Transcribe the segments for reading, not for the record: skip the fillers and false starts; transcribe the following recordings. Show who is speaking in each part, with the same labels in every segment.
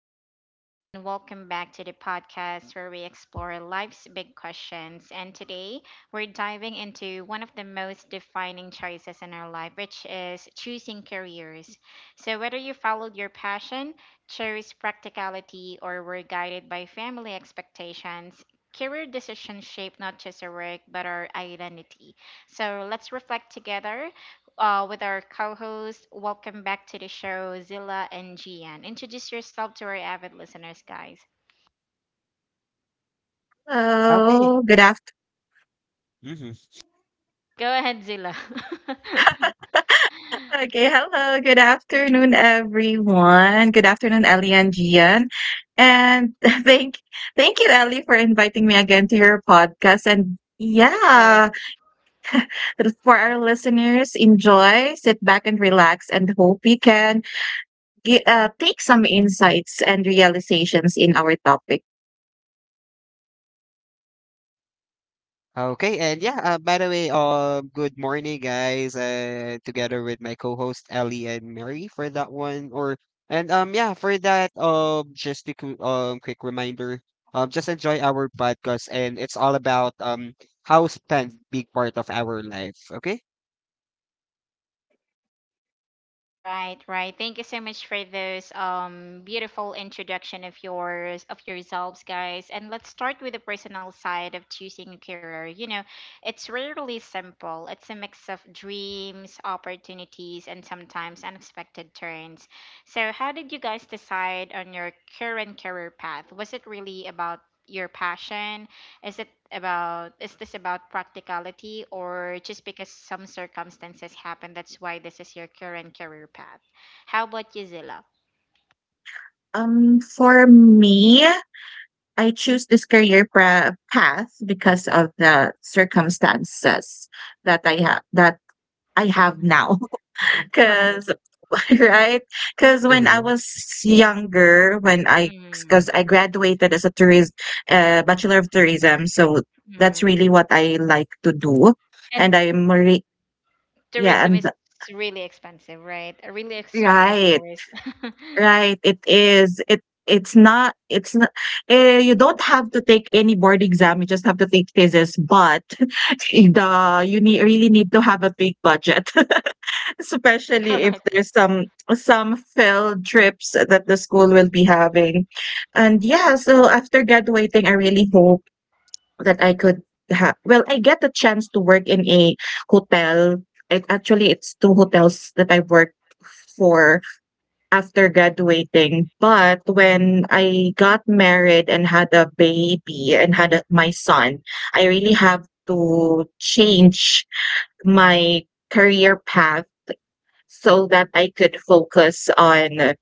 Speaker 1: day, everyone, and welcome back to the podcast where we explore life's big questions. And today we're diving into one of the most defining choices in our life, which is choosing careers. So, whether you followed your passion, chose practicality, or were guided by family expectations, career decisions shape not just our work but our identity. So, let's reflect together with our co host. Welcome back to the show, Zilla and Gian. Introduce yourself to our avid listeners, guys.
Speaker 2: Okay.
Speaker 3: Oh, good after.
Speaker 2: Hmm.
Speaker 1: Go ahead, Zilla. Of
Speaker 3: Okay, hello. Good afternoon, everyone. Good afternoon, Ellie and Gian. And thank you, Ellie, for inviting me again to your podcast. And
Speaker 1: course.
Speaker 3: yeah, for our listeners, enjoy, sit back and relax, and hope you can take some insights and realizations in our topic.
Speaker 2: Okay, and yeah, by the way, good morning, guys. Together with my co-host Ellie and Mary for that one, or and yeah, for that, just a quick reminder, just enjoy our podcast, and it's all about how spend big part of our life. Okay.
Speaker 1: Right, right. Thank you so much for those beautiful introduction of yourselves, guys. And let's start with the personal side of choosing a career. You know, it's rarely simple. It's a mix of dreams, opportunities, and sometimes unexpected turns. So, how did you guys decide on your current career path? Was it really about your passion, is it about, is this about practicality or just because some circumstances happen, that's why this is your current career path? How about you, Zilla?
Speaker 3: For me, I choose this career path because of the circumstances that I have now.
Speaker 1: Right.
Speaker 3: Cause right? Cause when I
Speaker 2: Mm-hmm.
Speaker 3: was younger, when I
Speaker 1: Mm,
Speaker 3: because I graduated as a tourism bachelor of tourism, so that's
Speaker 1: mm.
Speaker 3: really what I like to do,
Speaker 1: And
Speaker 3: and yeah,
Speaker 1: tourism
Speaker 3: and
Speaker 1: is really expensive, right? A really expensive
Speaker 3: right.
Speaker 1: course.
Speaker 3: Right, it is. It it's not eh, You don't have to take any board exam, you just have to take physics, but the you need really need to have a big budget, especially if
Speaker 1: Correct.
Speaker 3: there's some field trips that the school will be having. And yeah, so after graduating, I really hope that I could ha well, I get the chance to work in a hotel. It actually it's two hotels that I worked for after graduating. But when I got married and had a baby and had my son, I really have to change my career path so that I could focus on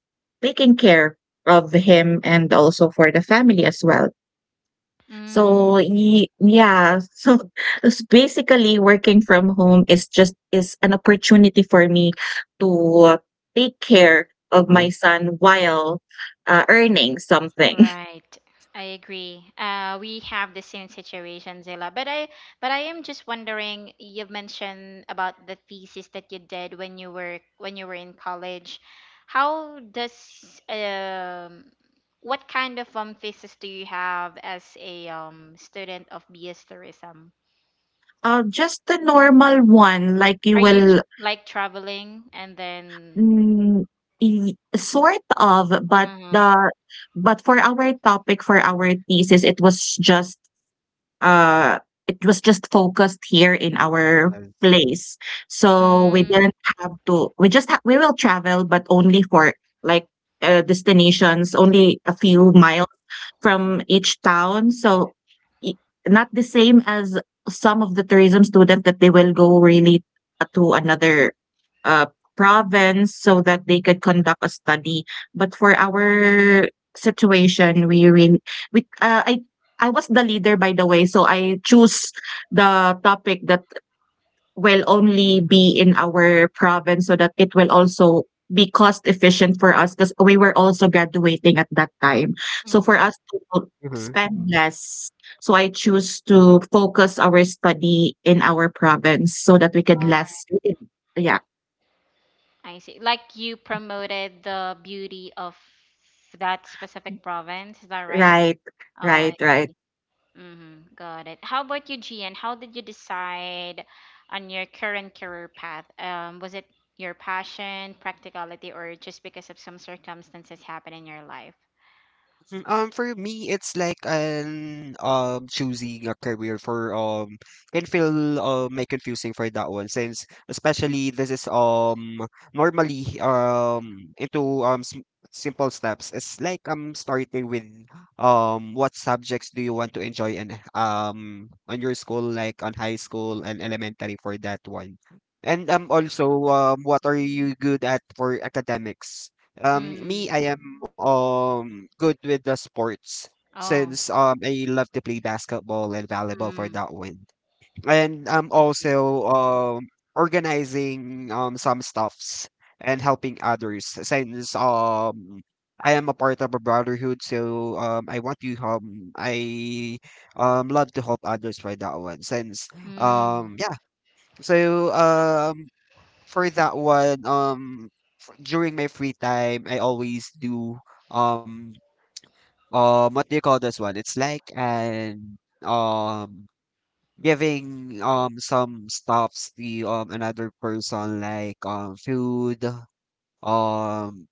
Speaker 3: taking care of him and also for the family as well.
Speaker 1: Mm.
Speaker 3: So s basically working from home is just is an opportunity for me to take care of
Speaker 2: Mm-hmm.
Speaker 3: my son while, earning something.
Speaker 1: Right. I agree. We have the same situation, Zilla. But I am just wondering. You've mentioned about the thesis that you did when you were in college. How does what kind of thesis do you have as a student of BS tourism?
Speaker 3: Just the normal one, like you
Speaker 1: Are you tr-
Speaker 3: will
Speaker 1: like traveling and then?
Speaker 3: mm, y sort of, but
Speaker 1: Uh-huh.
Speaker 3: the but for our topic, for our thesis, it was just uh, focused here in our
Speaker 2: Yes.
Speaker 3: place. So we
Speaker 1: Mm,
Speaker 3: didn't have to, we will travel, but only for like destinations, only a few
Speaker 1: mm,
Speaker 3: miles from each town. So i- not the same as some of the tourism students that they will go really to another uh, province so that they could conduct a study. But for our situation, we really we I was the leader by the way, so I choose the topic that will only be in our province so that it will also be cost efficient for us because we were also graduating at that time. So for
Speaker 1: mm.
Speaker 3: us to
Speaker 2: Mm-hmm.
Speaker 3: spend less, so I choose to focus our study in our province so that we could less. We could- Yeah,
Speaker 1: I see. Like you promoted the beauty of that specific province, is that right?
Speaker 3: right,
Speaker 1: Oh,
Speaker 3: right,
Speaker 1: I
Speaker 3: right.
Speaker 1: see. Mm-hmm. Got it. How about you, Gian? How did you decide on your current career path? Was it your passion, practicality, or just because of some circumstances happen in your life?
Speaker 2: For me, it's like an choosing a career for can feel may confusing for that one, since especially this is normally into s simple steps. It's like starting with what subjects do you want to enjoy, and on your school, like on high school and elementary for that one. And also what are you good at for academics?
Speaker 1: Mm.
Speaker 2: Me, I am good with the sports
Speaker 1: Oh,
Speaker 2: since I love to play basketball and volleyball for
Speaker 1: mm.
Speaker 2: that one. And I'm
Speaker 1: I see.
Speaker 2: also organizing some stuffs and helping others since I am a part of a brotherhood, so I want to I love to help others for that one since
Speaker 1: Mm.
Speaker 2: yeah. So for that one, during my free time, I always do um what do you call this one? It's like an um giving some stuffs to another person, like food, um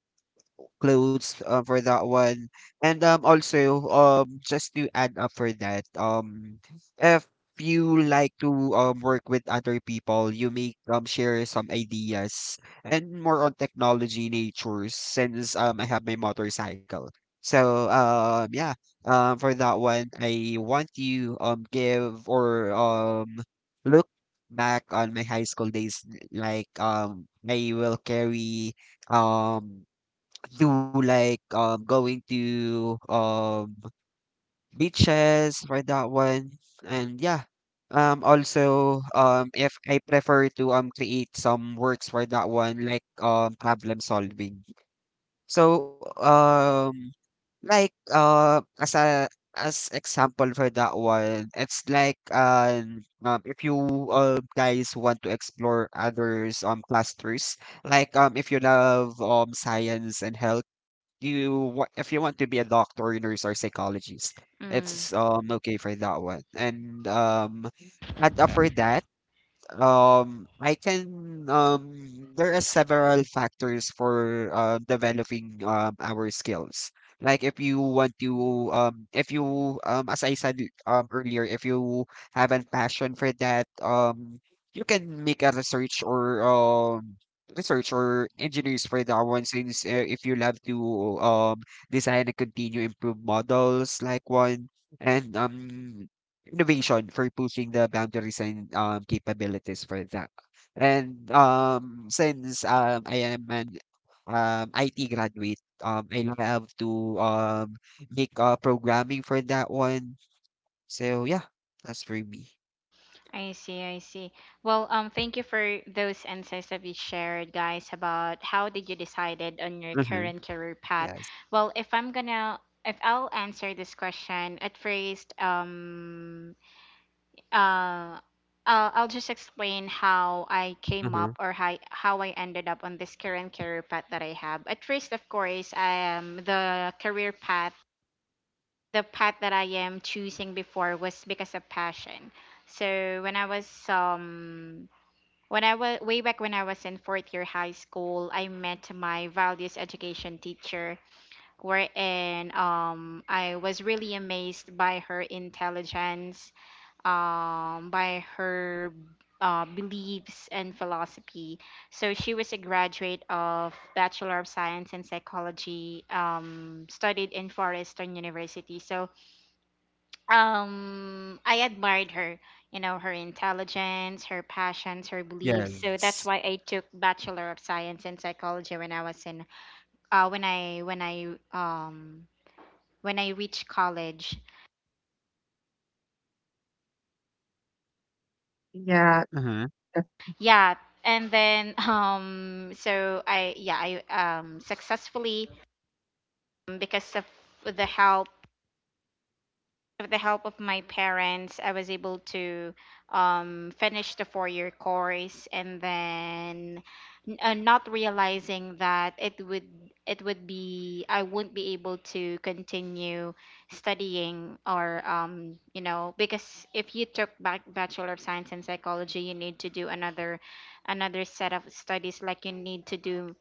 Speaker 2: clothes for that one. And also just to add up for that, if you like to work with other people, you may share some ideas, and more on technology nature since I have my motorcycle. So yeah, for that one I want you give or look back on my high school days, like I will carry um do like going to beaches for that one, and yeah, also if I prefer to create some works for that one, like problem solving. So, like, as a as example for that one, it's like if you guys want to explore others clusters, like if you love science and health, if you want to be a doctor, nurse, or psychologist,
Speaker 1: Mm.
Speaker 2: it's okay for that one. And for that. I can there are several factors for developing our skills. Like if you want to if you as I said earlier, if you have a passion for that, you can make a research or research or engineers for that one, since if you love to um design and continue improve models like one, and innovation for pushing the boundaries and capabilities for that. And since I am an IT graduate, I love to make programming for that one. So yeah, that's for me.
Speaker 1: I see, I see. Well, thank you for those insights that you shared, guys, about how did you decided on your
Speaker 2: Mm-hmm.
Speaker 1: current career path.
Speaker 2: Yes.
Speaker 1: Well, if I'll answer this question, at first, uh, I'll just explain how I came up or how I ended up on this current career path that I have. At first, of course, the path that I am choosing before was because of passion. So when I was way back when I was in fourth year high school, I met my values education teacher, wherein I was really amazed by her intelligence, by her beliefs and philosophy. So she was a graduate of Bachelor of Science in Psychology, studied in Forestern University. So I admired her, you know, her intelligence, her passions, her beliefs. So
Speaker 2: Yes.
Speaker 1: that's why I took Bachelor of Science in Psychology when I was in when I when I when I reached college.
Speaker 3: Yeah,
Speaker 2: Mm-hmm.
Speaker 3: that's
Speaker 1: Yeah, and then so I yeah, I successfully, because of the help with the help of my parents, I was able to finish the 4 year course, and then not realizing that it would be I wouldn't be able to continue studying or, you know, because if you took back Bachelor of Science in Psychology, you need to do another another set of studies like you need to do.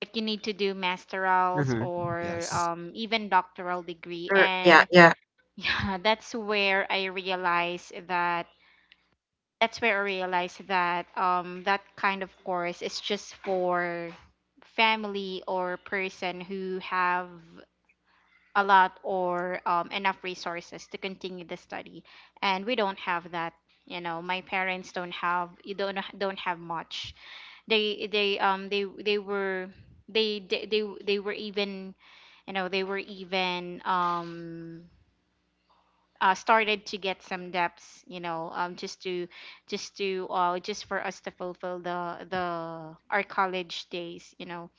Speaker 1: If you need to do masterals
Speaker 2: Mm-hmm.
Speaker 1: or,
Speaker 2: Yes.
Speaker 1: even doctoral degree,
Speaker 3: true. Yeah,
Speaker 1: and
Speaker 3: yeah.
Speaker 1: yeah, that's where I realized that that kind of course is just for family or person who have a lot or, enough resources to continue the study and we don't have that, you know. My parents don't have much. They they were even, you know, they were even started to get some depths, you know, just for us to fulfill the our college days, you know,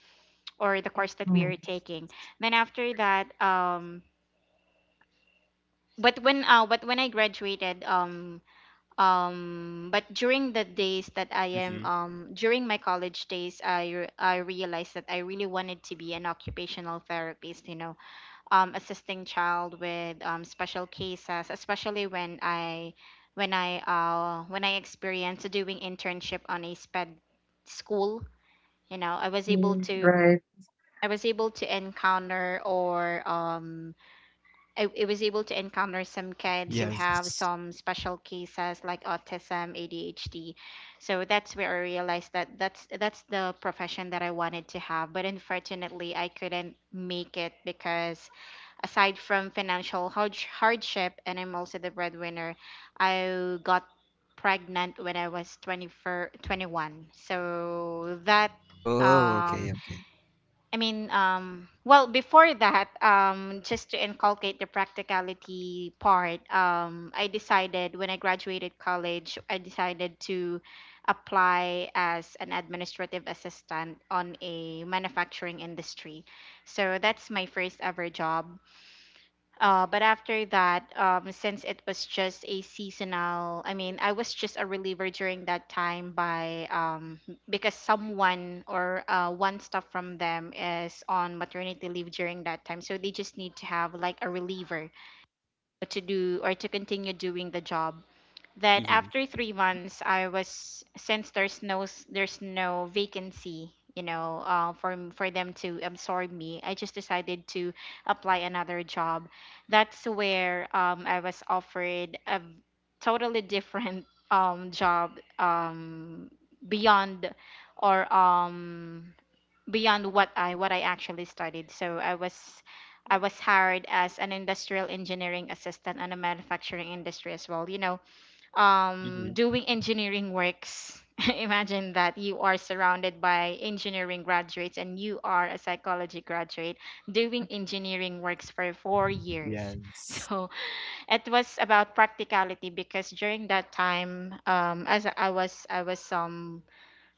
Speaker 1: or the course that we
Speaker 3: Mm.
Speaker 1: are taking. Then after that, but when I graduated, but during the days that I am,
Speaker 2: Mm-hmm.
Speaker 1: during my college days, I realized that I really wanted to be an occupational therapist, you know, assisting child with, special cases, especially when I when I when I experienced doing internship on a sped school. You know,
Speaker 3: Mm, right,
Speaker 1: I was able to encounter or, I was able to encounter some kids who have
Speaker 2: Yes.
Speaker 1: some special cases like autism, ADHD. So that's where I realized that that's the profession that I wanted to have. But unfortunately, I couldn't make it because aside from hardship, and I'm also the breadwinner, I got pregnant when I was 24, 21. So that
Speaker 2: Oh,
Speaker 1: um,
Speaker 2: okay, okay.
Speaker 1: I mean, well, before that, just to inculcate the practicality part, I decided when I graduated college, I decided to apply as an administrative assistant on a manufacturing industry. So that's my first ever job. But after that, since it was just a seasonal, I mean, I was just a reliever during that time by, because someone or, one staff from them is on maternity leave during that time, so they just need to have like a reliever to do or to continue doing the job that
Speaker 2: Mm-hmm.
Speaker 1: after 3 months I was, since there's there's no vacancy, you know, for them to absorb me, I just decided to apply another job. That's where, I was offered a totally different job, beyond or um, beyond what I actually studied. So I was hired as an industrial engineering assistant in a manufacturing industry as well, you know,
Speaker 2: Mm-hmm.
Speaker 1: doing engineering works. Imagine that you are surrounded by engineering graduates and you are a psychology graduate doing engineering works for 4 years.
Speaker 2: Yes.
Speaker 1: So it was about practicality because during that time, as I was, I was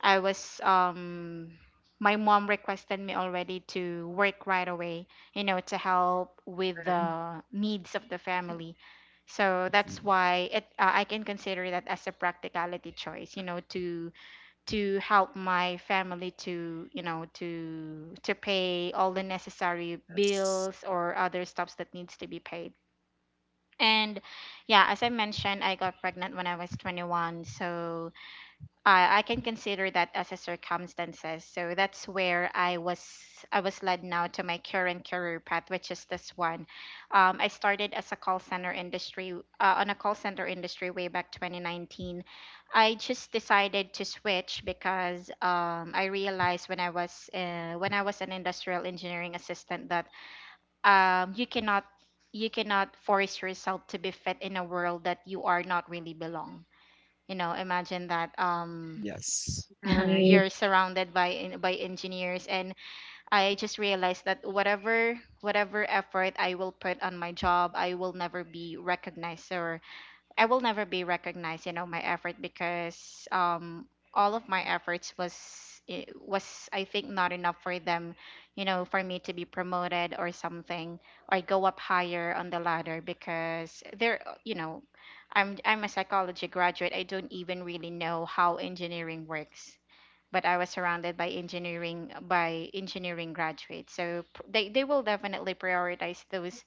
Speaker 1: I was my mom requested me already to work right away, you know, to help with
Speaker 3: right,
Speaker 1: the needs of the family. So that's
Speaker 2: Mhm.
Speaker 1: why it, I can consider that as a practicality choice, you know, to help my family to, you know, to pay all the necessary
Speaker 2: Yes.
Speaker 1: bills or other stuffs that needs to be paid. And yeah, as I mentioned, I got pregnant when I was 21. So I can consider that as a circumstances. So that's where I was led now to my current career path, which is this one. I started as a call center industry on a call center industry way back 2019. I just decided to switch because, I realized when I was an industrial engineering assistant that, um, you cannot you cannot force yourself to be fit in a world that you are not really belong. You know, imagine that.
Speaker 2: Yes.
Speaker 3: right,
Speaker 1: You're surrounded by by engineers, and I just realized that whatever effort I will put on my job, I will never be recognized or I will never be recognized, you know, my effort because, um, all of my efforts was was, I think, not enough for them, you know, for me to be promoted or something, or go up higher on the ladder, because there, you know, I'm a psychology graduate, I don't even really know how engineering works, but I was surrounded by engineering graduates. So they they will definitely prioritize those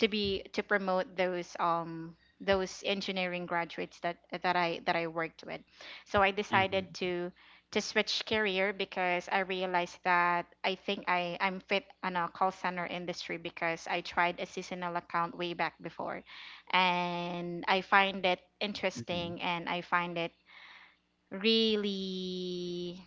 Speaker 1: to be to promote those engineering graduates that that I worked with. So I decided
Speaker 2: Mm-hmm.
Speaker 1: to switch career because I realized that I think I'm fit on a call center industry because I tried a seasonal account way back before and I find it
Speaker 2: Mm-hmm.
Speaker 1: interesting and I find it really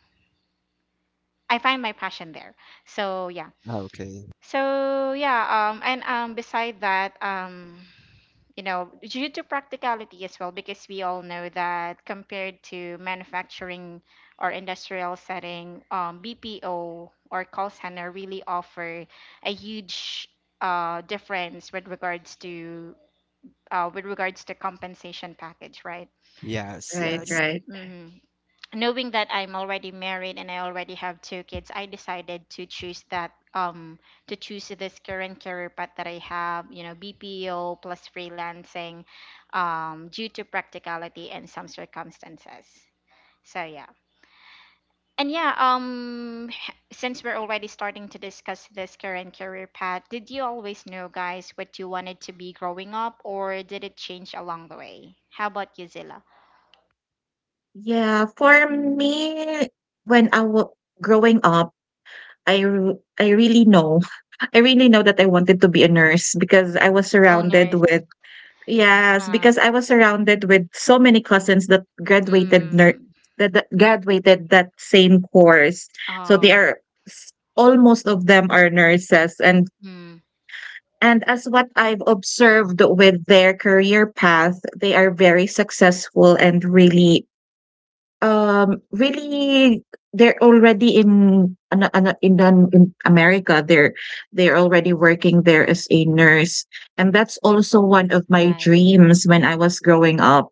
Speaker 1: I find my passion there. So yeah.
Speaker 2: Okay.
Speaker 1: So yeah, um, and um, beside that, um, you know, due to practicality as well, because we all know that compared to manufacturing or industrial setting, BPO or call center really offer a huge, difference with regards to compensation package, right?
Speaker 2: Yes,
Speaker 1: So,
Speaker 3: right,
Speaker 2: yes.
Speaker 3: right.
Speaker 1: mhm, knowing that I'm already married and I already have 2 kids, I decided to choose that to choose this current career path that I have, you know, BPO plus freelancing, due to practicality and some circumstances. So yeah. And yeah, um, since we're already starting to discuss this current career path, did you always know, guys, what you wanted to be growing up, or did it change along the way? How about you, Zilla?
Speaker 3: Yeah, for me, when I was growing up, I really know. I really know that I wanted to be a nurse because I was surrounded
Speaker 1: Owners.
Speaker 3: with, yes,
Speaker 1: Uh,
Speaker 3: because I was surrounded with so many cousins that graduated
Speaker 1: mm,
Speaker 3: that graduated that same course. So they
Speaker 1: oh.
Speaker 3: are almost of them are nurses
Speaker 1: Mm,
Speaker 3: and as what I've observed with their career path, they are very successful and really really, they're already in an, in America. They're already working there as a nurse, and that's also one of my
Speaker 1: right,
Speaker 3: dreams when I was growing up.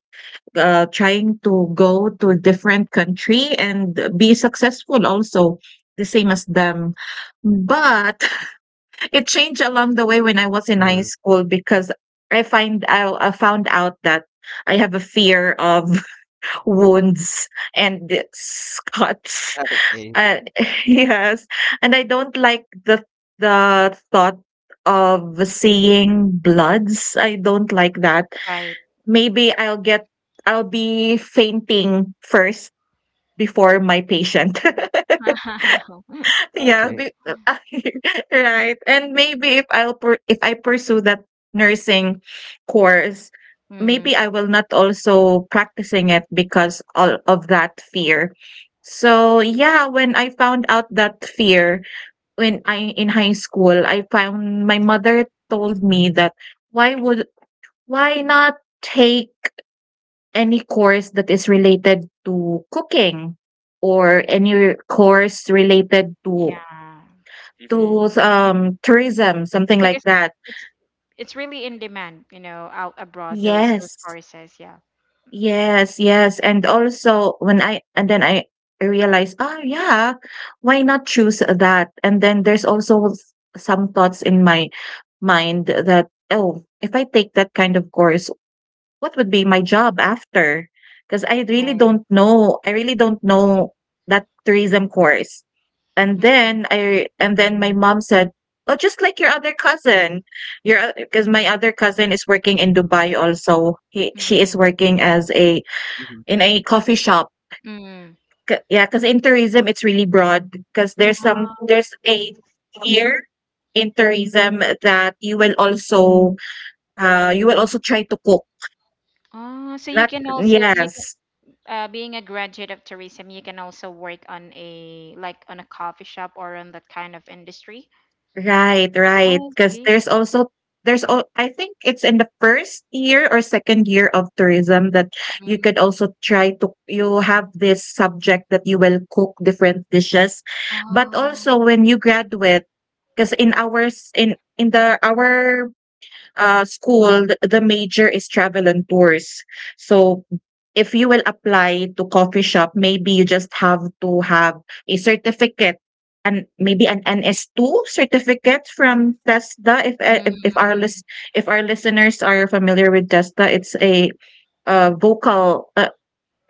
Speaker 3: Trying to go to a different country and be successful also the same as them, but it changed along the way when I was in high
Speaker 2: Mhm.
Speaker 3: school because I found out that I have a fear of wounds and the cuts.
Speaker 2: Okay,
Speaker 3: Uh, yes, and I don't like the thought of seeing bloods. I don't like that.
Speaker 1: right.
Speaker 3: Maybe I'll be fainting first before my patient. Yeah,
Speaker 2: okay.
Speaker 3: right. And maybe if I pursue that nursing course,
Speaker 1: Mm,
Speaker 3: maybe I will not also practicing it because all of that fear. So yeah, when I found out that fear when I in high school, I found my mother told me that why would why not take any course that is related to cooking or any course related to
Speaker 1: yeah,
Speaker 3: tourism, something like
Speaker 1: because
Speaker 3: that.
Speaker 1: it's it's really in demand, you know, out abroad those
Speaker 3: Yes,
Speaker 1: courses, yeah.
Speaker 3: yes, yes. And also when I and then I realized, oh yeah, why not choose that? And then there's also some thoughts in my mind that, oh, if I take that kind of course, what would be my job after? Because I really
Speaker 1: Right.
Speaker 3: don't know. I really don't know that tourism course.
Speaker 1: Mm,
Speaker 3: And then my mom said, "Oh, just like your other cousin. Your Because my other cousin is working in Dubai also. He She is
Speaker 1: mm,
Speaker 3: working as a
Speaker 2: Mhm,
Speaker 3: in a coffee shop.
Speaker 1: mm.
Speaker 3: Yeah, because in tourism, it's really broad. Because
Speaker 1: Ah.
Speaker 3: there's a year in tourism that you will also try to cook."
Speaker 1: Ah. so you
Speaker 3: Not
Speaker 1: can also you can
Speaker 3: yes.
Speaker 1: Being a graduate of tourism, you can also work on a coffee shop or on that kind of industry.
Speaker 3: Right, right.
Speaker 1: Oh, I
Speaker 3: Because
Speaker 1: see.
Speaker 3: there's all I think it's in the first year or second year of tourism that you
Speaker 1: Mm.
Speaker 3: could also try to you have this subject that you will cook different dishes. But
Speaker 1: Oh,
Speaker 3: also when you graduate, because in ours in the our school, the major is travel and tours. So if you will apply to coffee shop, maybe you just have to have a certificate and maybe an NS2 certificate from TESDA. If uh, if if
Speaker 1: mm,
Speaker 3: our list, if our listeners are familiar with TESDA, it's a vocal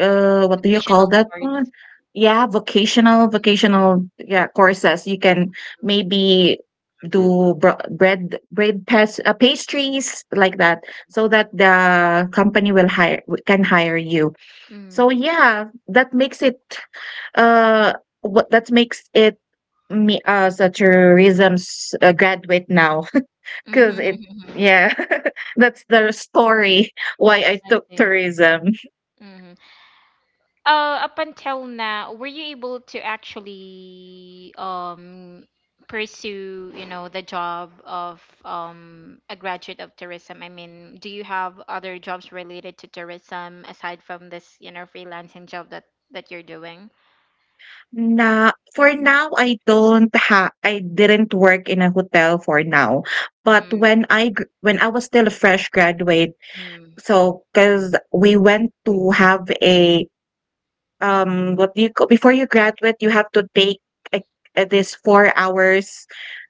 Speaker 3: what do you call
Speaker 1: occasional
Speaker 3: that one?
Speaker 1: tourists.
Speaker 3: Yeah, vocational, yeah, courses. You can
Speaker 1: Mm,
Speaker 3: maybe
Speaker 2: mhm.
Speaker 3: do bread pastries like that
Speaker 1: pastry.
Speaker 3: so that the company will hire can hire you. So
Speaker 1: Mm.
Speaker 3: yeah, that makes it uh what that makes it me as a tourism's graduate now. because it yeah That's the story why I
Speaker 1: I
Speaker 3: took
Speaker 1: see.
Speaker 3: tourism.
Speaker 1: Mhm. Up until now, were you able to actually pursue, you know, the job of a graduate of tourism? I mean, do you have other jobs related to tourism aside from this, you know, freelancing job that you're doing?
Speaker 3: Na For now, I don't ha I didn't work in a hotel for now, but
Speaker 1: Mm,
Speaker 3: when I gr when I was still a fresh graduate,
Speaker 1: mm,
Speaker 3: so because we went to have a, what do you call, before you graduate, you have to take like, this 4 hours,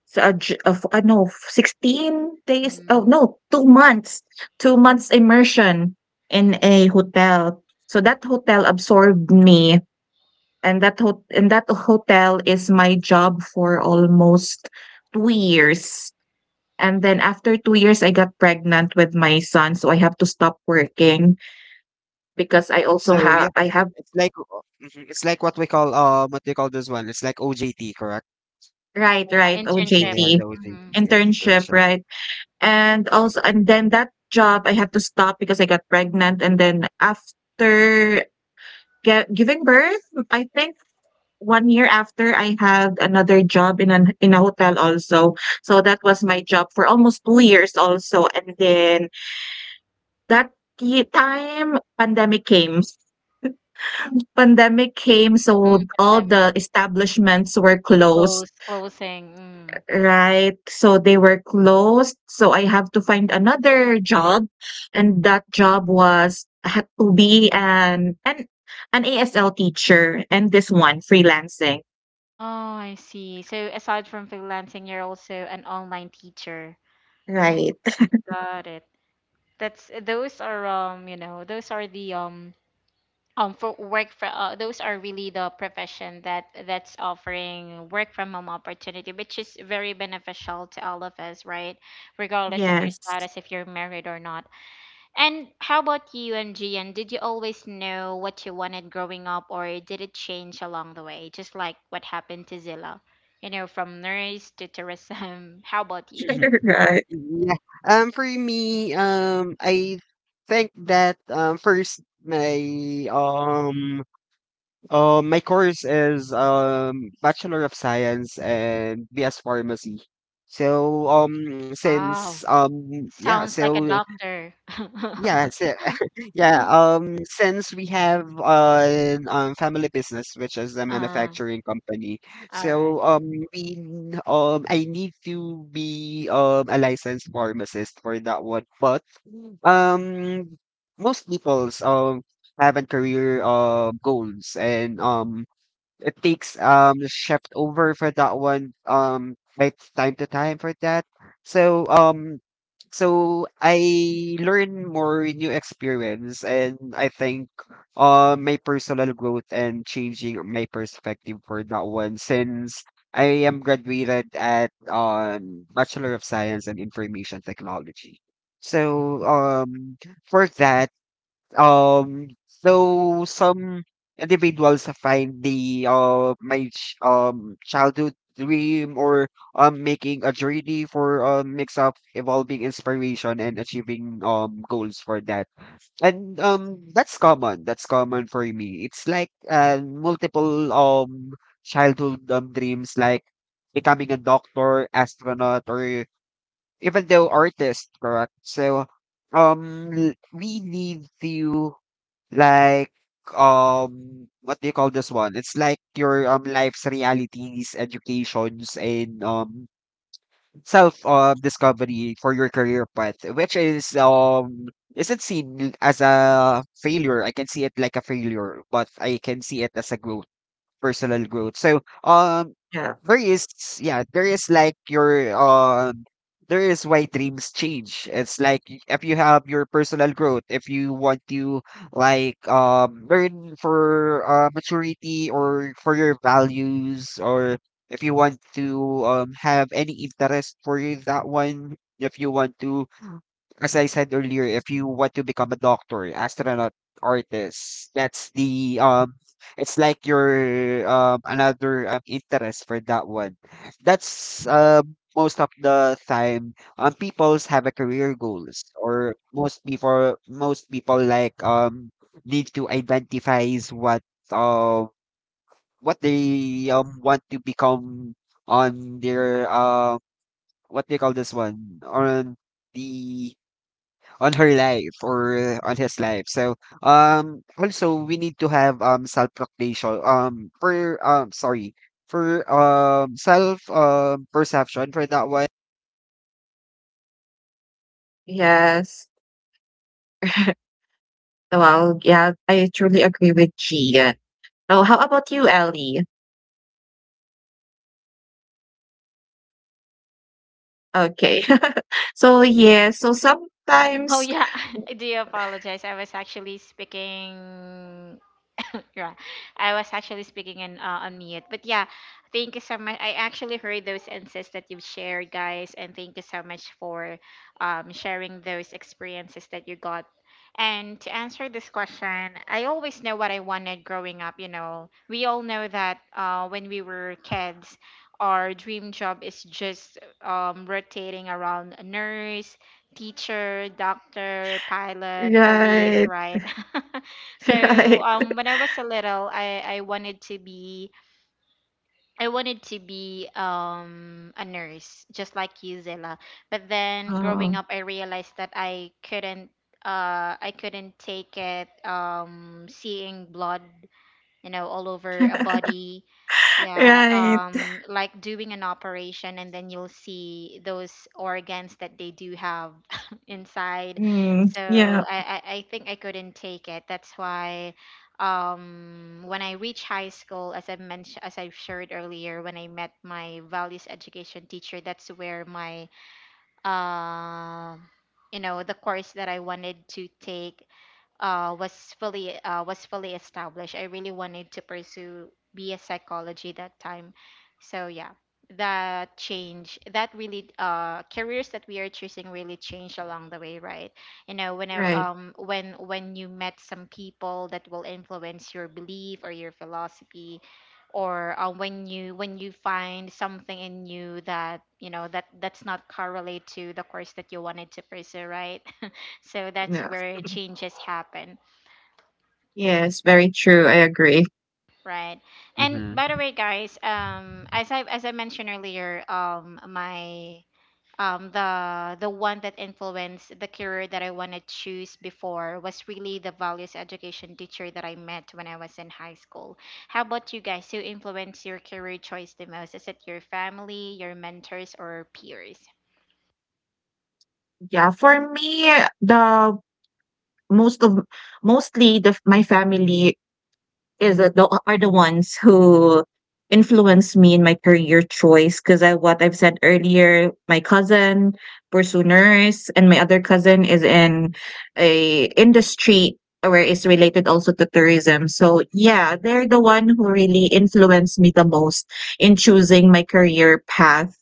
Speaker 3: so a j of 16 days, oh,
Speaker 1: mm,
Speaker 3: no, 2 months immersion in
Speaker 1: mm.
Speaker 3: a hotel. So that hotel absorbed me, and that hotel is my job for almost 2 years. And then after 2 years I got pregnant with my son, so I have to stop working because I also
Speaker 2: So
Speaker 3: have
Speaker 2: yeah,
Speaker 3: I have
Speaker 2: it's like o mhm, it's like what we call, what they call this one? It's like OJT, correct?
Speaker 3: Right,
Speaker 1: Yeah,
Speaker 3: right,
Speaker 1: internship.
Speaker 2: Yeah, the
Speaker 3: OJT
Speaker 2: OJT,
Speaker 1: Mm,
Speaker 2: yeah,
Speaker 3: internship,
Speaker 2: internship.
Speaker 3: right? And also and then that job I had to stop because I got pregnant, and then after giving birth, I think one year after I had another job in an in a hotel also. So that was my job for almost 2 years also, and then that ye time pandemic came. Pandemic came,
Speaker 1: mm,
Speaker 3: so all
Speaker 1: pandemic,
Speaker 3: the establishments were closed,
Speaker 1: close, closing. Mm.
Speaker 3: right? So they were closed, so I have to find another job, and that job was had to be an ASL teacher and this one freelancing.
Speaker 1: Oh, I see. So aside from freelancing, you're also an online teacher. Oh,
Speaker 3: Right.
Speaker 1: got it. That's those are you know, those are the for work for those are really the profession that that's offering work from home opportunity, which is very beneficial to all of us, right? Regardless of your
Speaker 3: Yes.
Speaker 1: status, if you're married or not. And how about you, MGN? Did you always know what you wanted growing up, or did it change along the way, just like what happened to Zilla? You know, from nurse to tourism. How about you?
Speaker 2: Mhm.
Speaker 3: Right.
Speaker 2: Yeah. For me, I think that, first my course is, Bachelor of Science and BS Pharmacy. So, um, since,
Speaker 1: Wow.
Speaker 2: um, yeah,
Speaker 1: Sounds like a
Speaker 2: so
Speaker 1: doctor.
Speaker 2: yeah, so yeah, since we have an family business, which is a
Speaker 1: uh,
Speaker 2: manufacturing company,
Speaker 1: all right.
Speaker 2: so I need to be a licensed pharmacist for that one. But um, most people's have a career goals, and it takes shift over for that one, it's time to time for that. So so I learn more new experience, and I think my personal growth and changing my perspective for that one, since I am graduated at bachelor of science and information technology. So for that, so some individuals find the childhood dream or making a journey for a mix of evolving inspiration and achieving goals for that. And that's common. That's common for me. It's like multiple childhood dreams like becoming a doctor, astronaut, or even though artist, correct? So we need to like, what do you call this one? It's like your life's realities, educations, and self discovery for your career path, which is isn't seen as a failure. I can see it like a failure, but I can see it as a growth. Personal growth. So
Speaker 3: Yeah.
Speaker 2: there is, yeah, there is like your there is why dreams change. It's like if you have your personal growth, if you want to like learn for maturity or for your values, or if you want to have any interest for that one, if you want to as I said earlier, if you want to become a doctor, astronaut, artist, that's the it's like your another interest for that one. That's most of the time people's have a career goals, or most people like need to identify is uh what they want to become on their what they call this one on the on her life or on his life. So also we need to have self proclamation for sorry, for self perception for that one.
Speaker 3: Yes. Well, yeah, I truly agree with Gian. Oh, how about you, Ellie? Okay. So yeah, so
Speaker 1: Oh
Speaker 3: sometimes,
Speaker 1: yeah, I do apologize. I was actually speaking yeah, I was actually speaking in on mute. But yeah, thank you so much. I actually heard those insights that you've shared, guys, and thank you so much for sharing those experiences that you got. And to answer this question, I always know what I wanted growing up. You know, we all know that when we were kids, our dream job is just rotating around a nurse, teacher, doctor, pilot, police,
Speaker 3: right.
Speaker 1: right? So
Speaker 3: Right.
Speaker 1: when I was a little I wanted to be I wanted to be a nurse just like you, Zilla. But then growing
Speaker 3: Oh,
Speaker 1: up I realized that I couldn't I couldn't take it seeing blood, you know, all over a body, yeah,
Speaker 3: right.
Speaker 1: like doing an operation, and then you'll see those organs that they do have inside.
Speaker 3: Mm, yeah,
Speaker 1: So I think I couldn't take it. That's why, when I reached high school, as I mentioned, as I shared earlier, when I met my values education teacher, that's where my, uh, you know, the course that I wanted to take uh, was was fully established. I really wanted to pursue BS psychology that time. So yeah, that change that really careers that we are choosing really change along the way, right? You know, when
Speaker 3: right.
Speaker 1: when you met some people that will influence your belief or your philosophy, or when you, when you find something in you that you know that that's not correlate to the course that you wanted to pursue, right? So that's
Speaker 3: Yeah.
Speaker 1: where changes happen.
Speaker 3: Yes, very true. I agree.
Speaker 1: Right. And
Speaker 2: Mm-hmm.
Speaker 1: by the way, guys, as I, as I mentioned earlier, my the one that influenced the career that I want to choose before was really the values education teacher that I met when I was in high school. How about you guys? Who influenced your career choice the most? Is it your family, your mentors, or peers?
Speaker 3: Yeah, for me, the most of mostly the my family is are the ones who influenced me in my career choice because I what I've said earlier, my cousin pursue nurse and my other cousin is in a industry where it's related also to tourism. So yeah, they're the one who really influenced me the most in choosing my career path.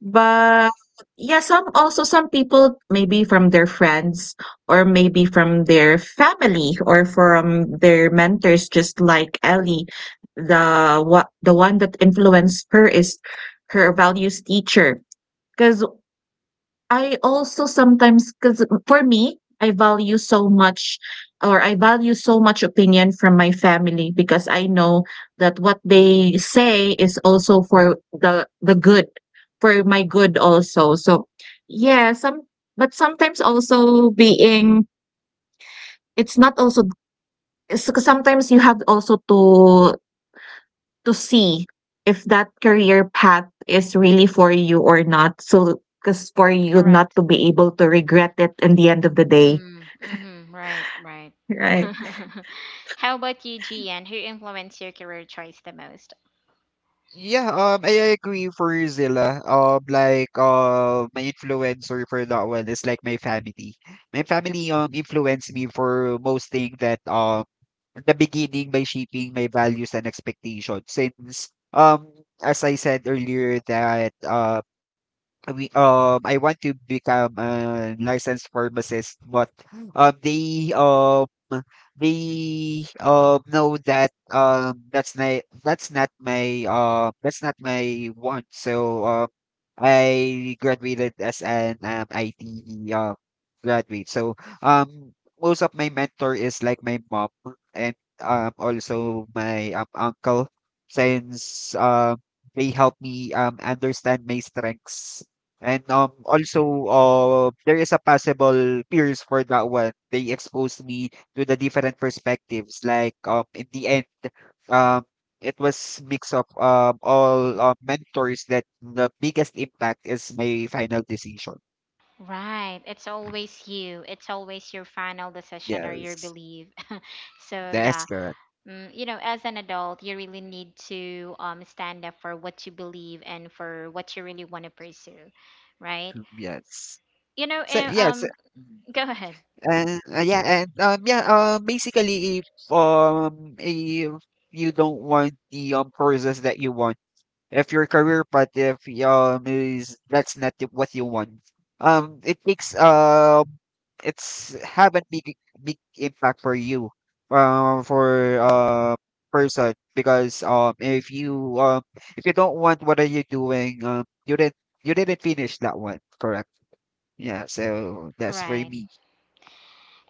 Speaker 3: But yeah, some people maybe from their friends or maybe from their family or from their mentors, just like Ellie. The one that influenced her is her values teacher. Because I also sometimes, cause for me, I value so much opinion from my family because I know that what they say is also for the good, for my good also. So yeah, sometimes also being it's not also it's sometimes you have also to see if that career path is really for you or not. So, because for you not
Speaker 1: Correct.
Speaker 3: to be able to regret it in the end of the day.
Speaker 1: Mm, mm-hmm. Right. Right.
Speaker 3: Right.
Speaker 1: How about you, Gian? Who influenced your career choice the most?
Speaker 2: Yeah, I agree for Zilla. My influencer for that one is like my family. My family influenced me for most thing that at the beginning, by shaping my values and expectations. Since as I said earlier, that we I want to become a licensed pharmacist, but they we know that that's not my that's not my want. So I graduated as an IT uh, graduate. So most of my mentor is like my mom and also my uncle, since they help me understand my strengths. And also there is a possible peers for that one. They exposed me to the different perspectives. Like in the end, um, it was mix of all mentors that the biggest impact is my final decision.
Speaker 1: Right. It's always you. It's always your final decision or your
Speaker 2: Yes,
Speaker 1: belief. So
Speaker 2: that's
Speaker 1: yeah,
Speaker 2: correct.
Speaker 1: mm, you know, as an adult, you really need to stand up for what you believe and for what you really want to pursue, right?
Speaker 2: Yes.
Speaker 1: You know,
Speaker 2: So yes,
Speaker 1: go ahead.
Speaker 2: and yeah, basically, if you don't want the courses that you want, if your career path, if is that's not the- what you want, it takes it's have a big impact for you for person, because if you don't want what are you doing, you didn't finish that one, correct? Yeah, so that's for
Speaker 1: Right.
Speaker 2: me.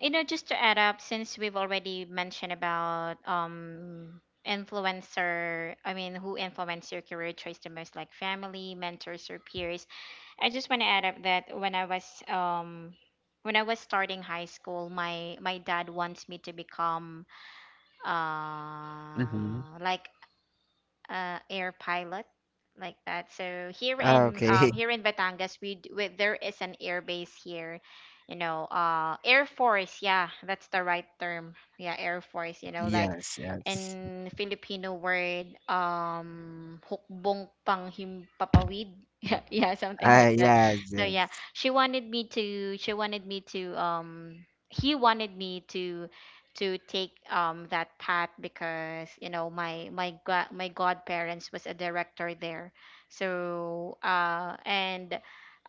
Speaker 1: You know, just to add up, since we've already mentioned about influencer, I mean, who influence your career choice the most, like family, mentors, or peers. I just want to add up that when I was starting high school, my dad wants me to become
Speaker 2: Mm-hmm.
Speaker 1: uh like air pilot, like that. So here in
Speaker 2: Okay.
Speaker 1: here in Batangas, we, d- we there is an air base here, you know, Air Force. Yeah, that's the right term. Yeah, Air Force. You know, like
Speaker 2: Yes, yes.
Speaker 1: in Filipino word, hukbong panghimpapawid. Yeah, yeah, something
Speaker 2: Ah.
Speaker 1: like that.
Speaker 2: Yes,
Speaker 1: So yeah,
Speaker 2: yes.
Speaker 1: she wanted me to. She wanted me to. He wanted me to take that path because you know my, my godparents was a director there, so and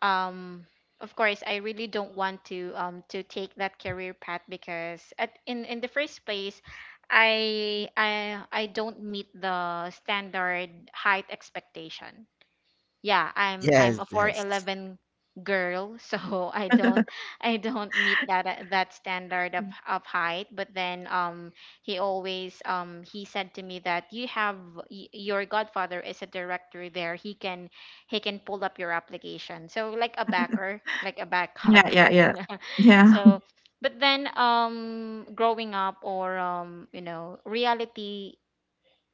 Speaker 1: um of course I really don't want to take that career path because in the first place I don't meet the standard height expectation. Yeah, I'm
Speaker 2: Yes,
Speaker 1: a
Speaker 2: yes.
Speaker 1: 411 girl, so I don't, I don't meet that that standard of height. But then he always, he said to me that you have, your godfather is a director there, he can, he can pull up your application. So like a backer, like a
Speaker 3: Yeah,
Speaker 1: backup.
Speaker 3: yeah, yeah.
Speaker 1: Yeah.
Speaker 3: Yeah,
Speaker 1: So but then growing up, or you know, reality,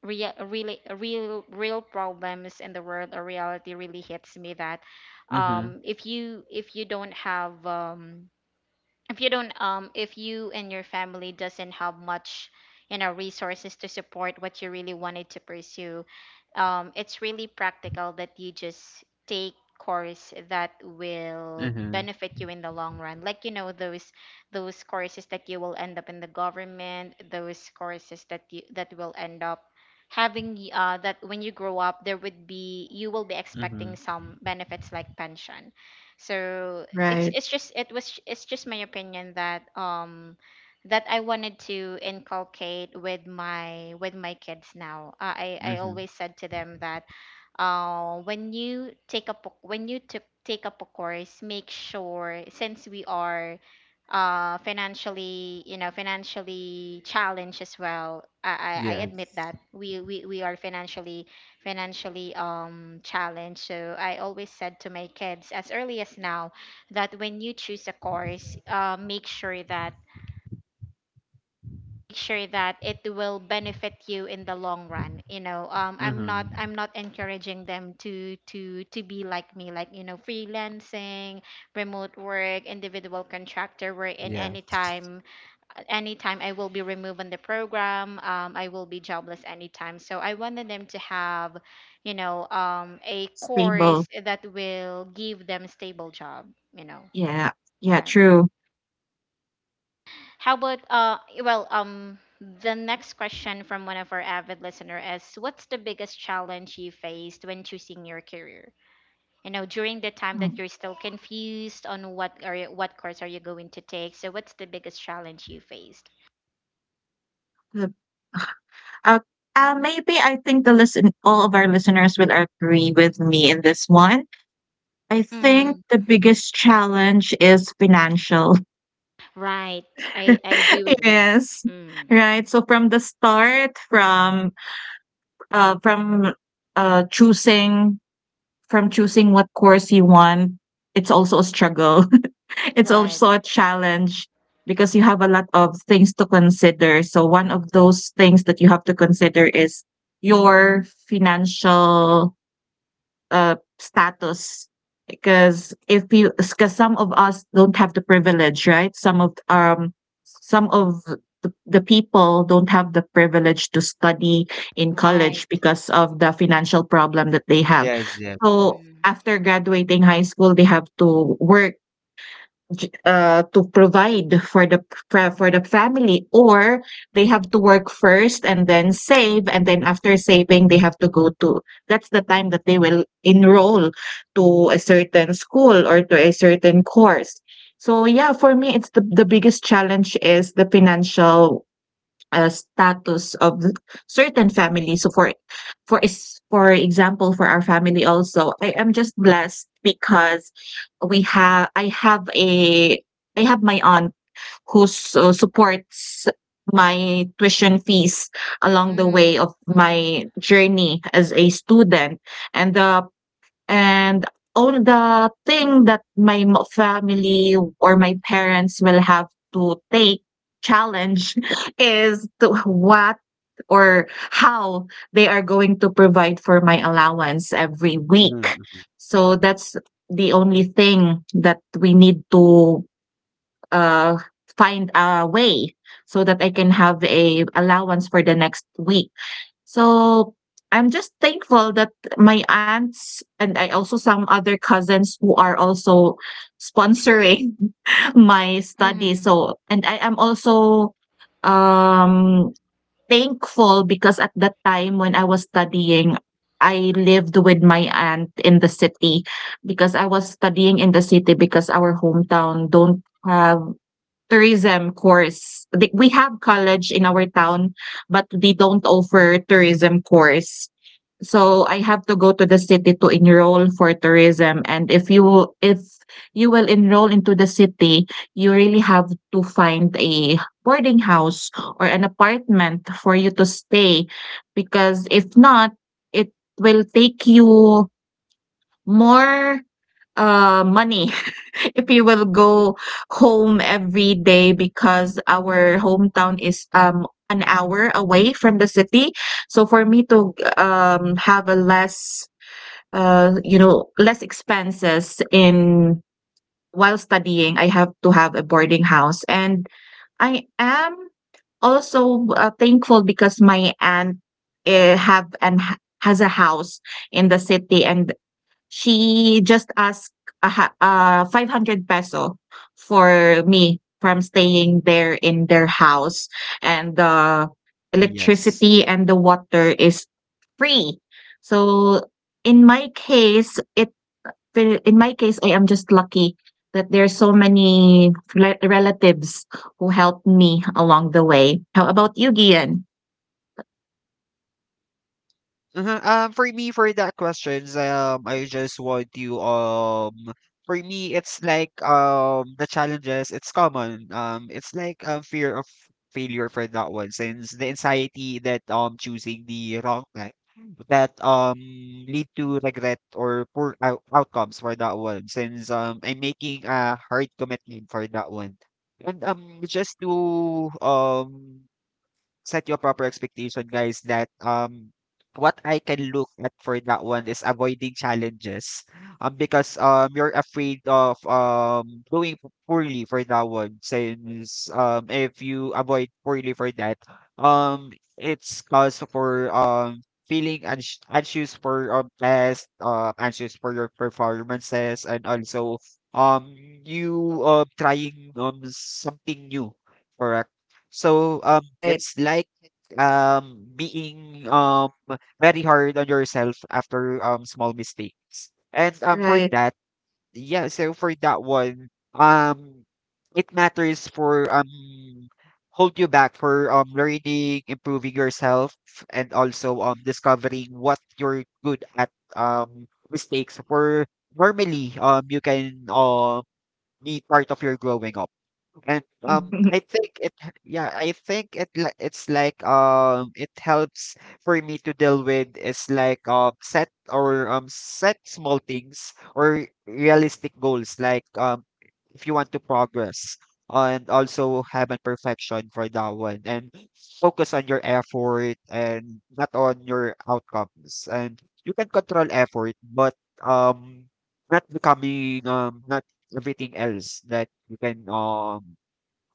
Speaker 1: real really real real problems in the world, or reality really hits me that
Speaker 2: Mm-hmm.
Speaker 1: if you, if you don't have, if you don't, if you and your family doesn't have much, you know, resources to support what you really wanted to pursue, it's really practical that you just take course that will
Speaker 2: Mm-hmm.
Speaker 1: benefit you in the long run, like, you know, those courses that you will end up in the government, those courses that you, that will end up having, that when you grow up there would be, you will be
Speaker 2: Mm-hmm.
Speaker 1: expecting some benefits, like pension. So it's
Speaker 3: right.
Speaker 1: it's just, it was, it's just my opinion that that I wanted to inculcate with my, with my kids now. I
Speaker 2: Mm-hmm.
Speaker 1: always said to them that, when you took, take up a course, make sure, since we are financially, you know, financially challenged as well. I admit
Speaker 2: Yes.
Speaker 1: that we are financially, financially challenged. So I always said to my kids as early as now that when you choose a course, make sure that, make sure that it will benefit you in the long run, you know. um i'm not
Speaker 2: Mm-hmm.
Speaker 1: i'm not encouraging them to, to be like me, like you know, freelancing, remote work, individual contractor, where in
Speaker 2: Yes,
Speaker 1: anytime, at any time I will be removed on the program. I will be jobless anytime. So I wanted them to have, you know, a
Speaker 3: Stable.
Speaker 1: course that will give them stable job. You know,
Speaker 3: Yeah, yeah,
Speaker 1: right?
Speaker 3: true.
Speaker 1: How about well, um, the next question from one of our avid listener is, what's the biggest challenge you faced when choosing your career? You know, during the time that
Speaker 3: Mm.
Speaker 1: you're still confused on what are you, what course are you going to take. So what's the biggest challenge you faced?
Speaker 3: The- Uh, maybe I think the listen all of our listeners will agree with me in this one. I think
Speaker 1: Mm-hmm.
Speaker 3: the biggest challenge is financial.
Speaker 1: Right. I I do agree.
Speaker 3: Yes,
Speaker 1: Mm.
Speaker 3: right. So from the start, from uh, choosing choosing what course you want, it's also a struggle. It's
Speaker 1: Right.
Speaker 3: also a challenge because you have a lot of things to consider. So one of those things that you have to consider is your financial status because if you because some of us don't have the privilege, right? Some of the people don't have the privilege to study in college
Speaker 1: Right.
Speaker 3: because of the financial problem that they have.
Speaker 2: yes, yes, yes.
Speaker 3: So
Speaker 1: Mm.
Speaker 3: after graduating high school, they have to work to provide for the for the family, or they have to work first and then save, and then after saving they have to go to— that's the time that they will enroll to a certain school or to a certain course. So yeah, for me, it's the biggest challenge is the financial status of the certain family. So for example, for our family also, I am just blessed because we have I have a— I have my aunt who supports my tuition fees along the
Speaker 1: Mm.
Speaker 3: way of
Speaker 1: Mm.
Speaker 3: my journey as a student. And the and on the thing that my mo family or my parents will have to take challenge is to what or how they are going to provide for my allowance every
Speaker 2: Mm-hmm.
Speaker 3: week.
Speaker 2: Mm-hmm.
Speaker 3: So that's the only thing that we need to, uh, find a way so that I can have a allowance for the next week. So I'm just thankful that my aunts, and I also some other cousins who are also sponsoring my study.
Speaker 1: Mm.
Speaker 3: So, and I am also um thankful because at that time when I was studying, I lived with my aunt in the city because I was studying in the city because our hometown don't have tourism course. We have college in our town, but they don't offer tourism course. So I have to go to the city to enroll for tourism. And if you will enroll into the city, you really have to find a boarding house or an apartment for you to stay, because if not, it will take you more money. If you will go home every day, because our hometown is, an hour away from the city. So for me to, have a less, less expenses in while studying, I have to have a boarding house. And I am also, thankful because my aunt, eh, have and has a house in the city, and she just asked 500 peso for me from staying there in their house. And the
Speaker 2: Yes.
Speaker 3: electricity and the water is free. So in my case, in my case, I am just lucky that there are so many relatives who helped me along the way. How about you, Gian?
Speaker 2: Uh-huh. For me, for that questions, I just want you, for me, it's like, the challenges, it's common. It's like, fear of failure for that one, since the anxiety that, choosing the wrong path that, lead to regret or poor outcomes for that one, since, I'm making a hard commitment for that one. And, just to set your proper expectation, guys, that what I can look at for that one is avoiding challenges. Because you're afraid of poorly for that one. Since if you avoid poorly for that, um it's cause for feeling anxious for test, anxious for your performances, and also um you trying something new. Correct. So
Speaker 3: Right,
Speaker 2: it's like being very hard on yourself after small mistakes. And for
Speaker 3: right.
Speaker 2: that, yeah, so for that one, um it matters for hold you back for learning, improving yourself, and also discovering what you're good at. Mistakes for normally you can be part of your growing up. And I think it, h- yeah, I think it's like it helps for me to deal with is like set small things or realistic goals. Like if you want to progress, and also have a perfection for that one, and focus on your effort and not on your outcomes. And you can control effort, but um, not becoming not everything else that you can um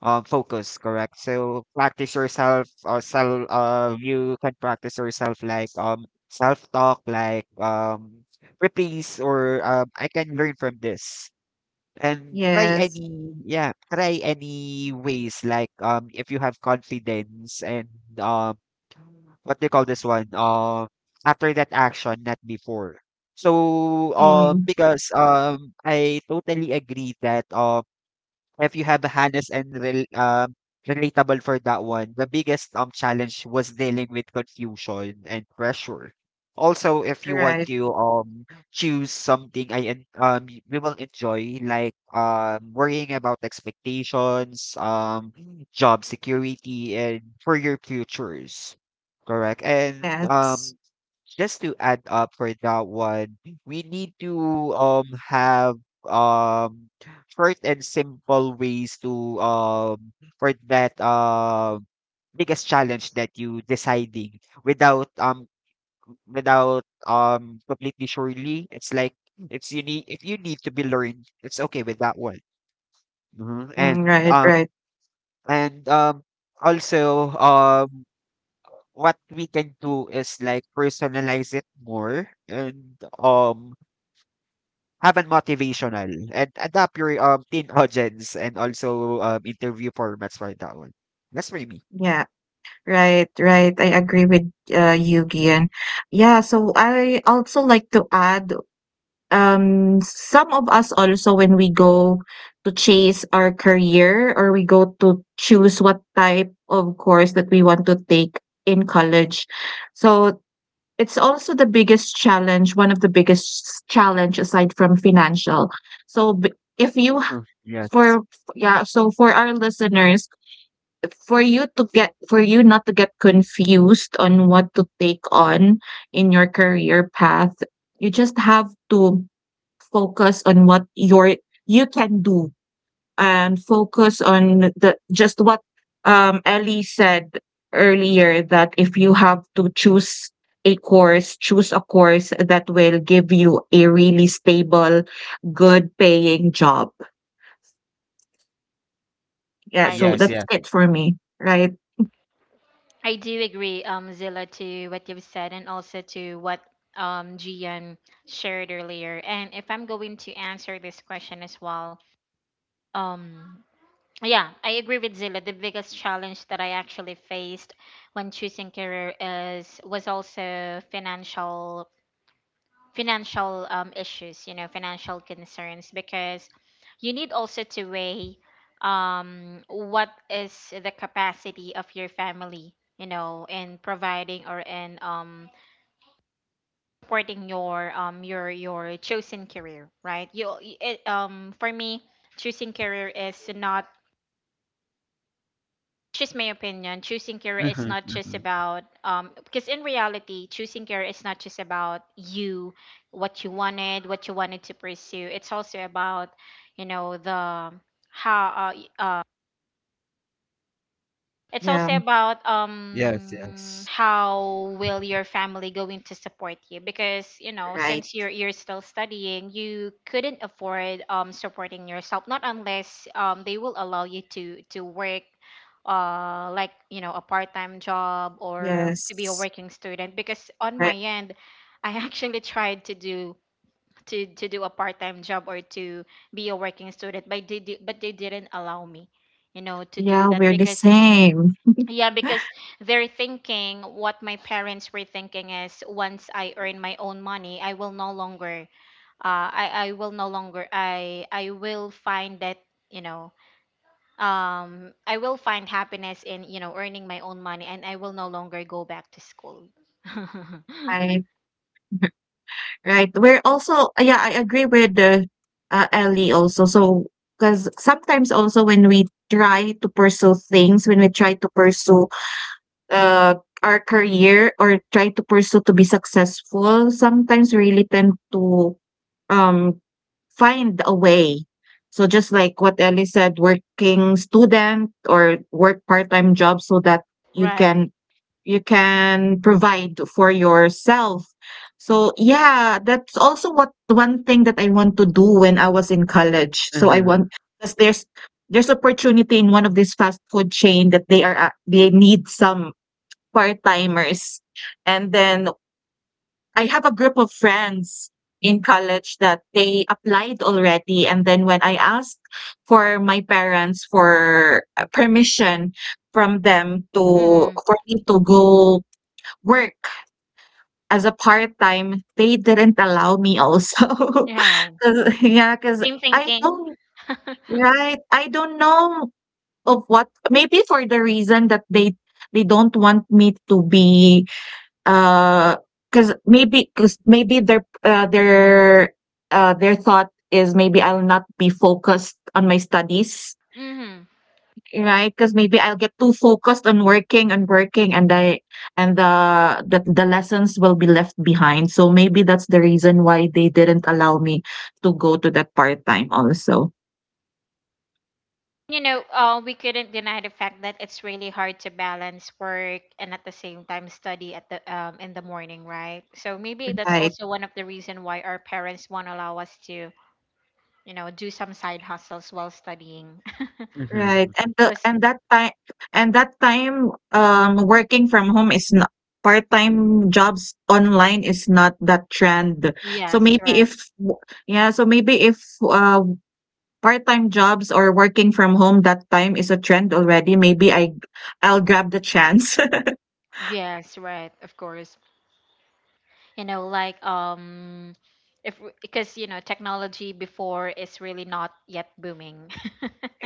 Speaker 2: uh, focus, correct? So practice yourself or self, you can practice yourself, like self-talk, like reprise, or I can learn from this. And try
Speaker 3: Yes.
Speaker 2: any, yeah, try any ways, like if you have confidence, and um what do you call this one? After that action, not before. So,
Speaker 3: Mm,
Speaker 2: because I totally agree that if you have a Hannes and relatable for that one, the biggest challenge was dealing with confusion and pressure. Also, if you want
Speaker 3: right.
Speaker 2: to choose something we will enjoy, like worrying about expectations, job security, and for your futures, correct? And
Speaker 3: Yes.
Speaker 2: just to add up for that one, we need to have um short and simple ways to for that biggest challenge that you deciding without um without completely surely it's like it's you need if you need to be learned it's okay with that one. Mhm.
Speaker 3: Mm, right, right.
Speaker 2: And also what we can do is like personalize it more and have an motivational and adapt your teen audience and also interview formats for that one. That's for me.
Speaker 3: Yeah. Right, right. I agree with you, Gian. Yeah, so I also like to add, some of us also, when we go to chase our career or we go to choose what type of course that we want to take in college. So it's also the biggest challenge, one of the biggest challenge aside from financial. So b- if you,
Speaker 2: Mhm. Yes.
Speaker 3: for, yeah, so for our listeners, for you not to get confused on what to take on in your career path, you just have to focus on what you can do, and focus on the just what Ellie said earlier, that if you have to choose a course, choose a course that will give you a really stable, good paying job. Yeah,
Speaker 1: Right.
Speaker 3: so
Speaker 2: Yes,
Speaker 3: that's
Speaker 2: yes.
Speaker 3: it for me, right?
Speaker 1: I do agree, Zilla, to what you've said and also to what Gian shared earlier. And if I'm going to answer this question as well, um, yeah, I agree with Zilla. The biggest challenge that I actually faced when choosing career is was also financial, financial issues, you know, financial concerns, because you need also to weigh what is the capacity of your family, you know, in providing or in supporting your, your your chosen career, right? You it, for me, choosing career is not, just my opinion choosing care
Speaker 2: Mm-hmm,
Speaker 1: is not just
Speaker 2: mm-hmm.
Speaker 1: about, because in reality choosing care is not just about you, what you wanted, what you wanted to pursue. It's also about, you know, the, how uh, y- uh, it's
Speaker 3: Yeah.
Speaker 1: also about,
Speaker 2: Yes, yes.
Speaker 1: how will your family going to support you, because you know,
Speaker 3: Right.
Speaker 1: since you're still studying, you couldn't afford, supporting yourself, not unless, they will allow you to work, like, you know, a part-time job, or to be a
Speaker 3: Yes.
Speaker 1: working student. Because on my
Speaker 3: Right.
Speaker 1: end I actually tried to do, to do a part-time job or to be a working student, but but they didn't allow me, you know, to do
Speaker 3: Yeah,
Speaker 1: that.
Speaker 3: we're the
Speaker 1: Because
Speaker 3: same.
Speaker 1: yeah, because they're thinking, what my parents were thinking is, once I earn my own money, I will no longer, I will no longer, I will find that, you know, I will find happiness in, you know, earning my own money, and I will no longer go back to school.
Speaker 3: Right. Right. We're also yeah, I agree with the Ellie also. So because sometimes also when we try to pursue things, when we try to pursue uh our career or try to pursue to be successful, sometimes we really tend to um find a way. So just like what Ellie said, working student or work part-time job so that you
Speaker 1: Right.
Speaker 3: can you can provide for yourself. So yeah, that's also what one thing that I want to do when I was in college. So I
Speaker 2: Mm-hmm,
Speaker 3: want, because there's opportunity in one of these fast food chain that they need some part timers, and then I have a group of friends in college that they applied already, and then when I asked for my parents for permission from them to
Speaker 1: Mm-hmm.
Speaker 3: for me to go work as a part-time, they didn't allow me also.
Speaker 1: Yeah.
Speaker 3: 'Cause yeah, because
Speaker 1: Same
Speaker 3: I
Speaker 1: thinking.
Speaker 3: don't— right, I don't know of what, maybe for the reason that they don't want me to be, uh 'cause because maybe their thought is maybe I'll not be focused on my studies.
Speaker 1: Mm-hmm.
Speaker 3: Right, because maybe I'll get too focused on working and working, and I and the the lessons will be left behind. So maybe that's the reason why they didn't allow me to go to that part-time also.
Speaker 1: You know, we couldn't deny the fact that it's really hard to balance work and at the same time study at the in the morning, right? So maybe that's
Speaker 3: Right,
Speaker 1: also one of the reason why our parents won't allow us to, do some side hustles while studying.
Speaker 2: mm-hmm,
Speaker 3: right. And the
Speaker 1: 'Cause-
Speaker 3: and that time and that time, working from home is not— part-time jobs online is not that trend. So
Speaker 1: yes,
Speaker 3: maybe
Speaker 1: right.
Speaker 3: if w yeah, so maybe if, part-time jobs or working from home that time is a trend already, maybe I'll grab the chance.
Speaker 1: Yes, right. Of course. You know, like if w- because technology before is really not yet booming.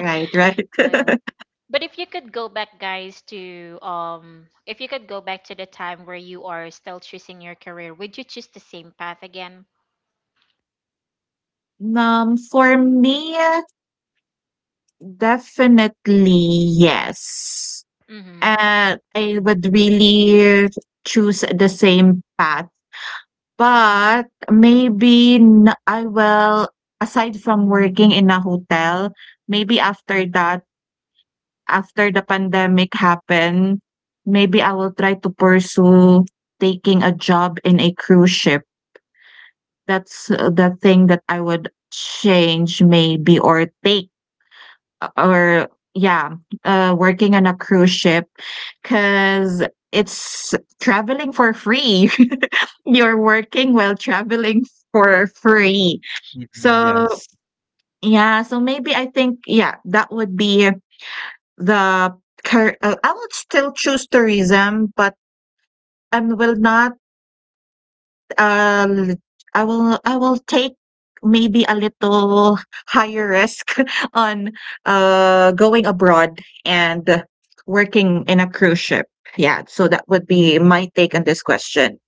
Speaker 3: Right, right.
Speaker 1: So yeah. But if you could go back, guys, to if you could go back to the time where you are still choosing your career, would you choose the same path again?
Speaker 3: For me, definitely yes.
Speaker 1: Mm-hmm.
Speaker 3: And I would really choose the same path. But I will, aside from working in a hotel, maybe after that, after the pandemic happened, maybe I will try to pursue taking a job in a cruise ship. That's the thing that I would change maybe, or take, or yeah, working on a cruise ship, because it's traveling for free. You're working while traveling for free.
Speaker 2: mm-hmm.
Speaker 3: So
Speaker 2: Yes.
Speaker 3: yeah, so maybe I think yeah, that would be the cur I would still choose tourism, but I will not, l I will— I will take maybe a little higher risk on, going abroad and working in a cruise ship. Yeah, so that would be my take on this question.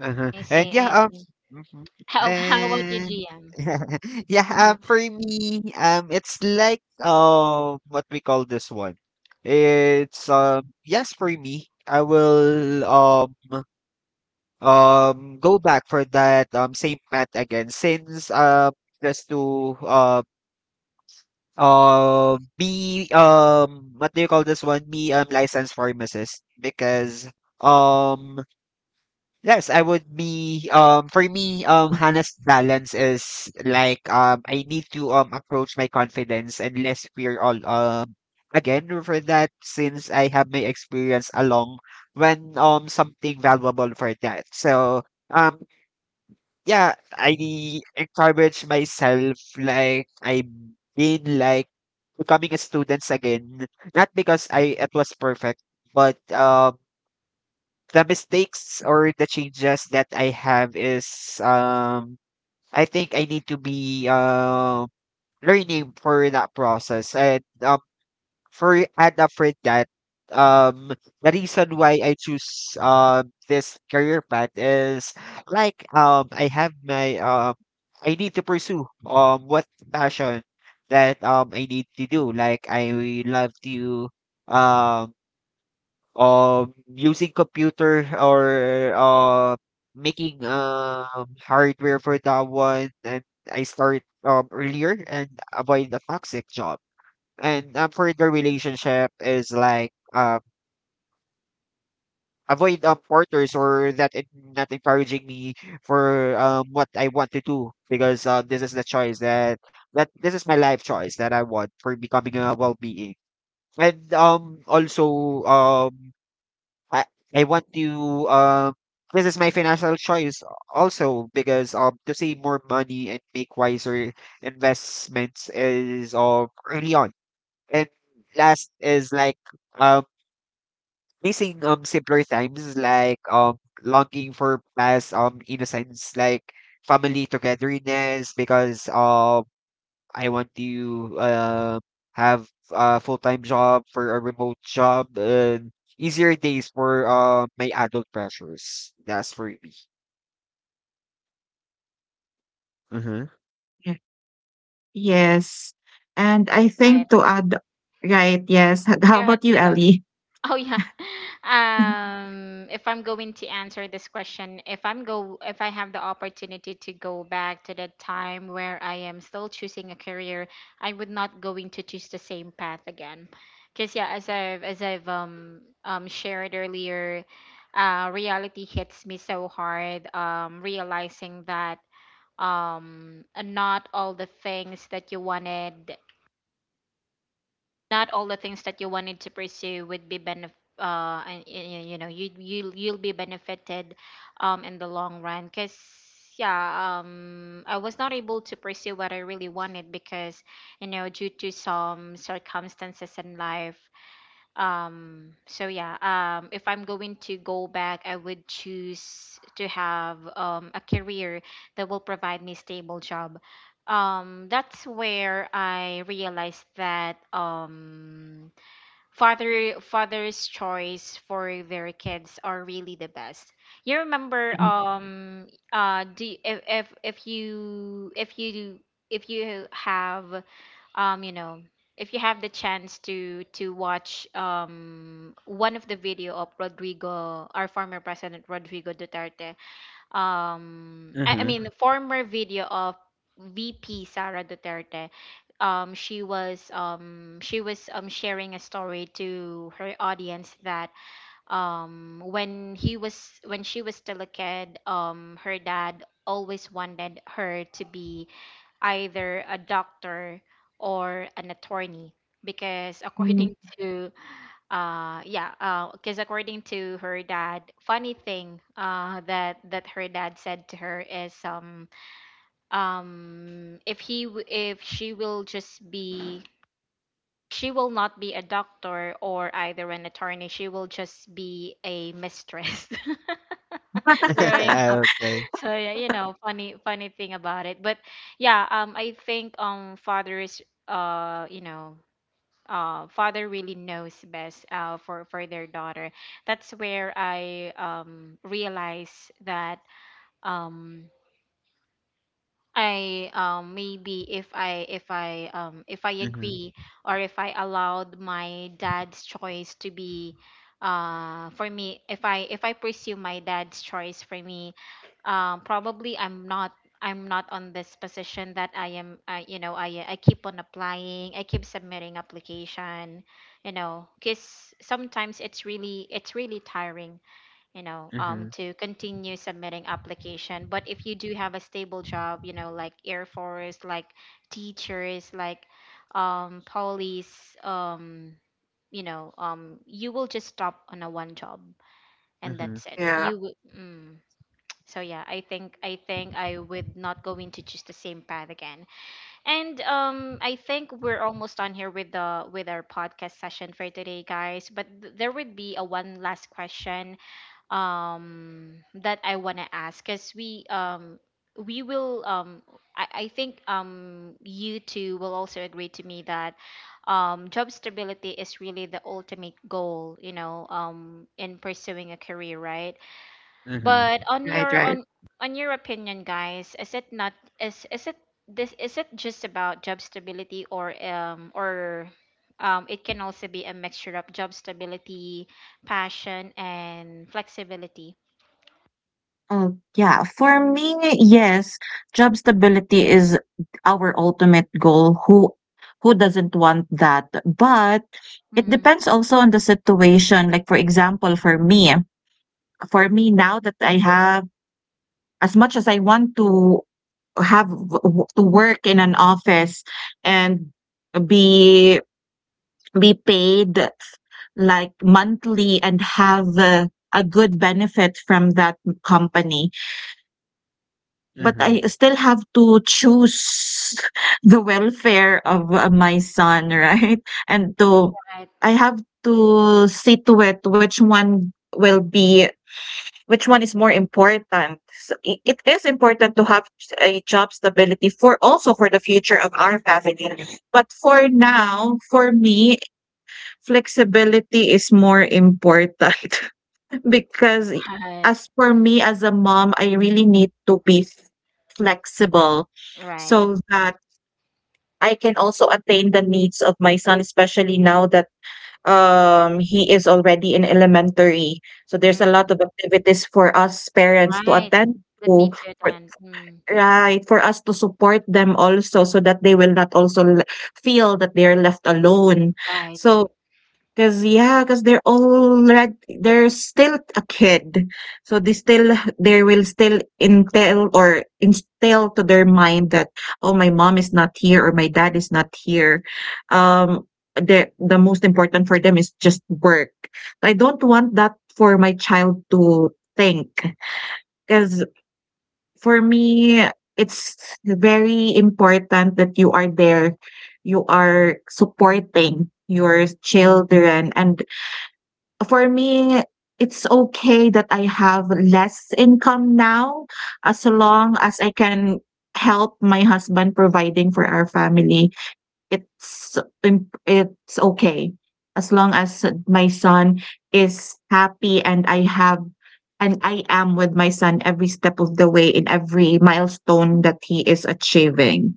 Speaker 2: Uh-huh.
Speaker 1: I see.
Speaker 2: And yeah,
Speaker 1: I see.
Speaker 2: mhm.
Speaker 1: How how about you,
Speaker 2: And
Speaker 1: GM?
Speaker 2: yeah, for me, it's like what we call this one. It's yes, for me, I will go back for that same path again, since just to be what do you call this one, be licensed pharmacist because um yes I would be for me Hannah's balance is like I need to approach my confidence and less fear all again for that since I have my experience along when something valuable for that. So um yeah, I encourage myself like I've been like becoming a student again. Not because I it was perfect, but the mistakes or the changes that I have is I think I need to be learning for that process and for and for that, um, the reason why I choose this career path is like I have my I need to pursue what passion that I need to do. Like I love to um using computer or making hardware for that one, and I start earlier and avoid the toxic job. And for the relationship is like avoid quarters or that it not encouraging me for what I want to do, because this is the choice that this is my life choice that I want for becoming a well being. And also I I want to um this is my financial choice also because to save more money and make wiser investments is early on. And last is like um facing simpler times, like longing for past innocence like family togetherness because I want to have a full time job for a remote job and easier days for my adult pressures. That's for me. Mm-hmm.
Speaker 3: Yes. And I
Speaker 1: Right.
Speaker 3: think to add, right, yes. How
Speaker 1: Go ahead,
Speaker 3: about you,
Speaker 1: Zilla.
Speaker 3: Ellie?
Speaker 1: Oh yeah. If I'm going to answer this question, if I have the opportunity to go back to the time where I am still choosing a career, I would not going to choose the same path again. Cause yeah, as I've shared earlier, reality hits me so hard. Realizing that not all the things that you wanted not all the things that you wanted to pursue would be and you know you'll be benefited in the long run because yeah, I was not able to pursue what I really wanted because you know, due to some circumstances in life. So if I'm going to go back, I would choose to have a career that will provide me stable job. That's where I realized that father's choice for their kids are really the best. You remember do if you if you have um you know if you have the chance to watch one of the video of Rodrigo Duterte. I
Speaker 2: Mm-hmm.
Speaker 1: mean former video of VP Sara Duterte. She was sharing a story to her audience that when she was still a kid. Her dad always wanted her to be either a doctor or an attorney because,
Speaker 3: Mhm.
Speaker 1: according to yeah because according to her dad, funny thing that her dad said to her is if he w- if she will just be, she will not be a doctor or either an attorney, she will just be a mistress growing.
Speaker 2: Okay.
Speaker 1: So yeah, you know, funny thing about it. But yeah, I think fathers you know, father really knows best for their daughter. That's where I realize that um I maybe if I, if I
Speaker 2: Mm-hmm.
Speaker 1: agree or if I allowed my dad's choice to be, for me if I, if I pursue my dad's choice for me, probably I'm not on this position that I am, you know, I keep on applying, I keep submitting application. You know, cuz sometimes it's really tiring, you know,
Speaker 2: Mm-hmm.
Speaker 1: to continue submitting application. But if you do have a stable job, you know, like air force, like teachers, like police, you know, you will just stop on a one job, and
Speaker 2: Mm-hmm.
Speaker 1: that's it,
Speaker 3: Yeah,
Speaker 1: you would so yeah, I think I would not go into just the same path again. And I think we're almost done here with the with our podcast session for today, guys, but there would be a one last question that I want to ask. Because we will I think you two will also agree to me that job stability is really the ultimate goal, you know, in pursuing a career, right? But
Speaker 2: Mm-hmm.
Speaker 1: on
Speaker 3: right,
Speaker 1: your,
Speaker 3: right.
Speaker 1: on your opinion, guys, is it not is it, this is it just about job stability, or it can also be a mixture of job stability, passion, and flexibility?
Speaker 3: Oh, yeah. For me, yes, job stability is our ultimate goal. Who doesn't want that? But it
Speaker 1: Mm,
Speaker 3: depends also on the situation. Like for example, for me now that I have as much as I want to to work in an office and be be paid like monthly and have a good benefit from that company. But I still have to choose the welfare of, my son, right? And to—
Speaker 1: right,
Speaker 3: I have to see to it which one will be— which one is more important. So I it is important to have a job stability for also for the future of our family. But for now, for me, flexibility is more important. Because I
Speaker 1: right,
Speaker 3: as for me as a mom, I really need to be f flexible
Speaker 1: right.
Speaker 3: so that I can also attain the needs of my son, especially now that, he is already in elementary. So there's a lot
Speaker 1: Mm,
Speaker 3: of activities for us parents to
Speaker 1: right.
Speaker 3: attend
Speaker 1: That
Speaker 3: to,
Speaker 1: need to
Speaker 3: for
Speaker 1: attend. Mm,
Speaker 3: right, for us to support them also so that they will not also le feel that they are left alone.
Speaker 1: right.
Speaker 3: So 'cause yeah, because 'cause they're still a kid, so they still they will still intel or instill to their mind that, "Oh, my mom is not here or my dad is not here." Um, the most important for them is just work. I don't want that for my child to think. Cause for me, it's very important that you are there, you are supporting your children, and for me, it's okay that I have less income now as long as I can help my husband providing for our family. It's im it's okay as long as my son is happy, and I have and I am with my son every step of the way in every milestone that he is achieving.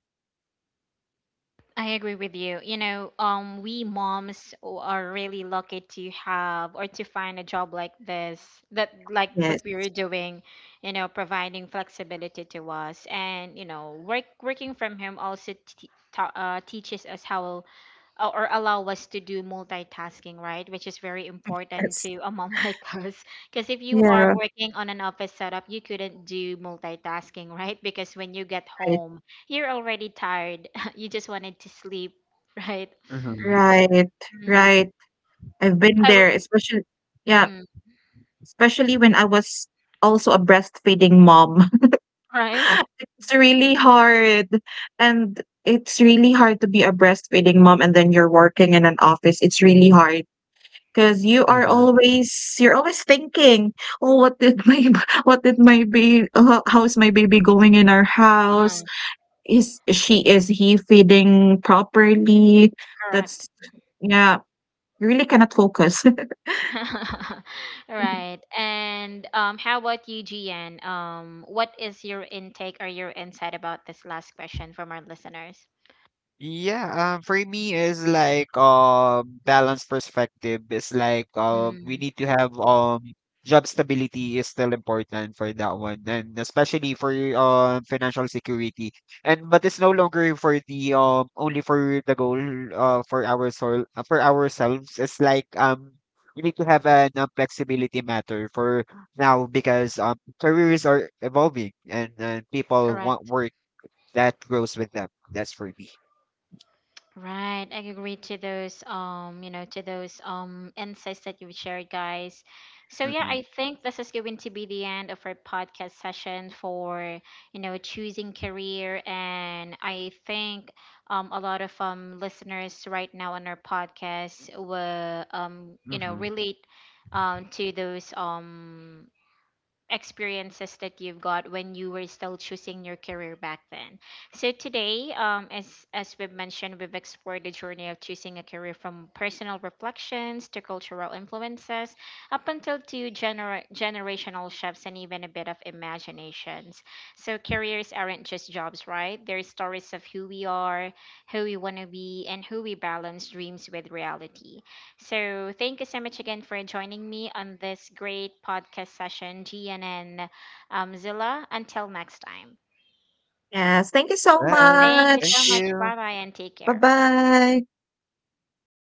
Speaker 1: I agree with you. You know, we moms o- are really lucky to have or to find a job like this, that like what
Speaker 3: Yes.
Speaker 1: we were doing, you know, providing flexibility to us. And you know, working from home also teaches us how, or allow us to do multitasking, right? Which is very important
Speaker 3: Yes.
Speaker 1: to a mom like us. Because if you are
Speaker 3: Yeah.
Speaker 1: working on an office setup, you couldn't do multitasking, right? Because when you get
Speaker 3: Right,
Speaker 1: home, you're already tired. You just wanted to sleep, right?
Speaker 2: Mm-hmm.
Speaker 3: right,
Speaker 1: Mm.
Speaker 3: right. I've been
Speaker 1: I w-
Speaker 3: there, especially yeah.
Speaker 1: mm,
Speaker 3: Especially when I was also a breastfeeding mom.
Speaker 1: right?
Speaker 3: It's really hard. And it's really hard to be a breastfeeding mom and then you're working in an office. It's really hard because you are
Speaker 2: Mm-hmm.
Speaker 3: always— you're always thinking, "Oh, what did my what did my baby— how's my baby going in our house?
Speaker 1: Mm,
Speaker 3: Is she— is he feeding properly?"
Speaker 1: correct.
Speaker 3: That's— yeah, you really cannot focus.
Speaker 1: Right. And how about you, GN? What is your intake or your insight about this last question from our listeners?
Speaker 2: Yeah, for me is like balanced perspective is like we
Speaker 1: Mm,
Speaker 2: need to have job stability is still important for that one, and especially for financial security, and but it's no longer for the only for the goal for our soul for ourselves. It's like we need to have an flexibility matter for now, because careers are evolving, and people want
Speaker 1: correct.
Speaker 2: work that grows with them. That's for me.
Speaker 1: Right, I agree to those, you know, to those insights that you've shared, guys. So yeah,
Speaker 2: Mhm.
Speaker 1: I think this is going to be the end of our podcast session for, you know, choosing career. And I think a lot of listeners right now on our podcast will, you know,
Speaker 2: Mhm.
Speaker 1: relate to those experiences that you've got when you were still choosing your career back then. So today, as we've mentioned, we've explored the journey of choosing a career, from personal reflections to cultural influences, up until to generational shifts, and even a bit of imaginations. So careers aren't just jobs, right? They're stories of who we are, who we want to be, and who we balance dreams with reality. So, thank you so much again for joining me on this great podcast session, GNN, Zilla. Until next time.
Speaker 3: Yes, thank you so
Speaker 2: Bye.
Speaker 1: Thank you
Speaker 2: Thank
Speaker 1: so
Speaker 3: much.
Speaker 1: much.
Speaker 2: you.
Speaker 1: Bye bye and take care.
Speaker 3: Bye-bye.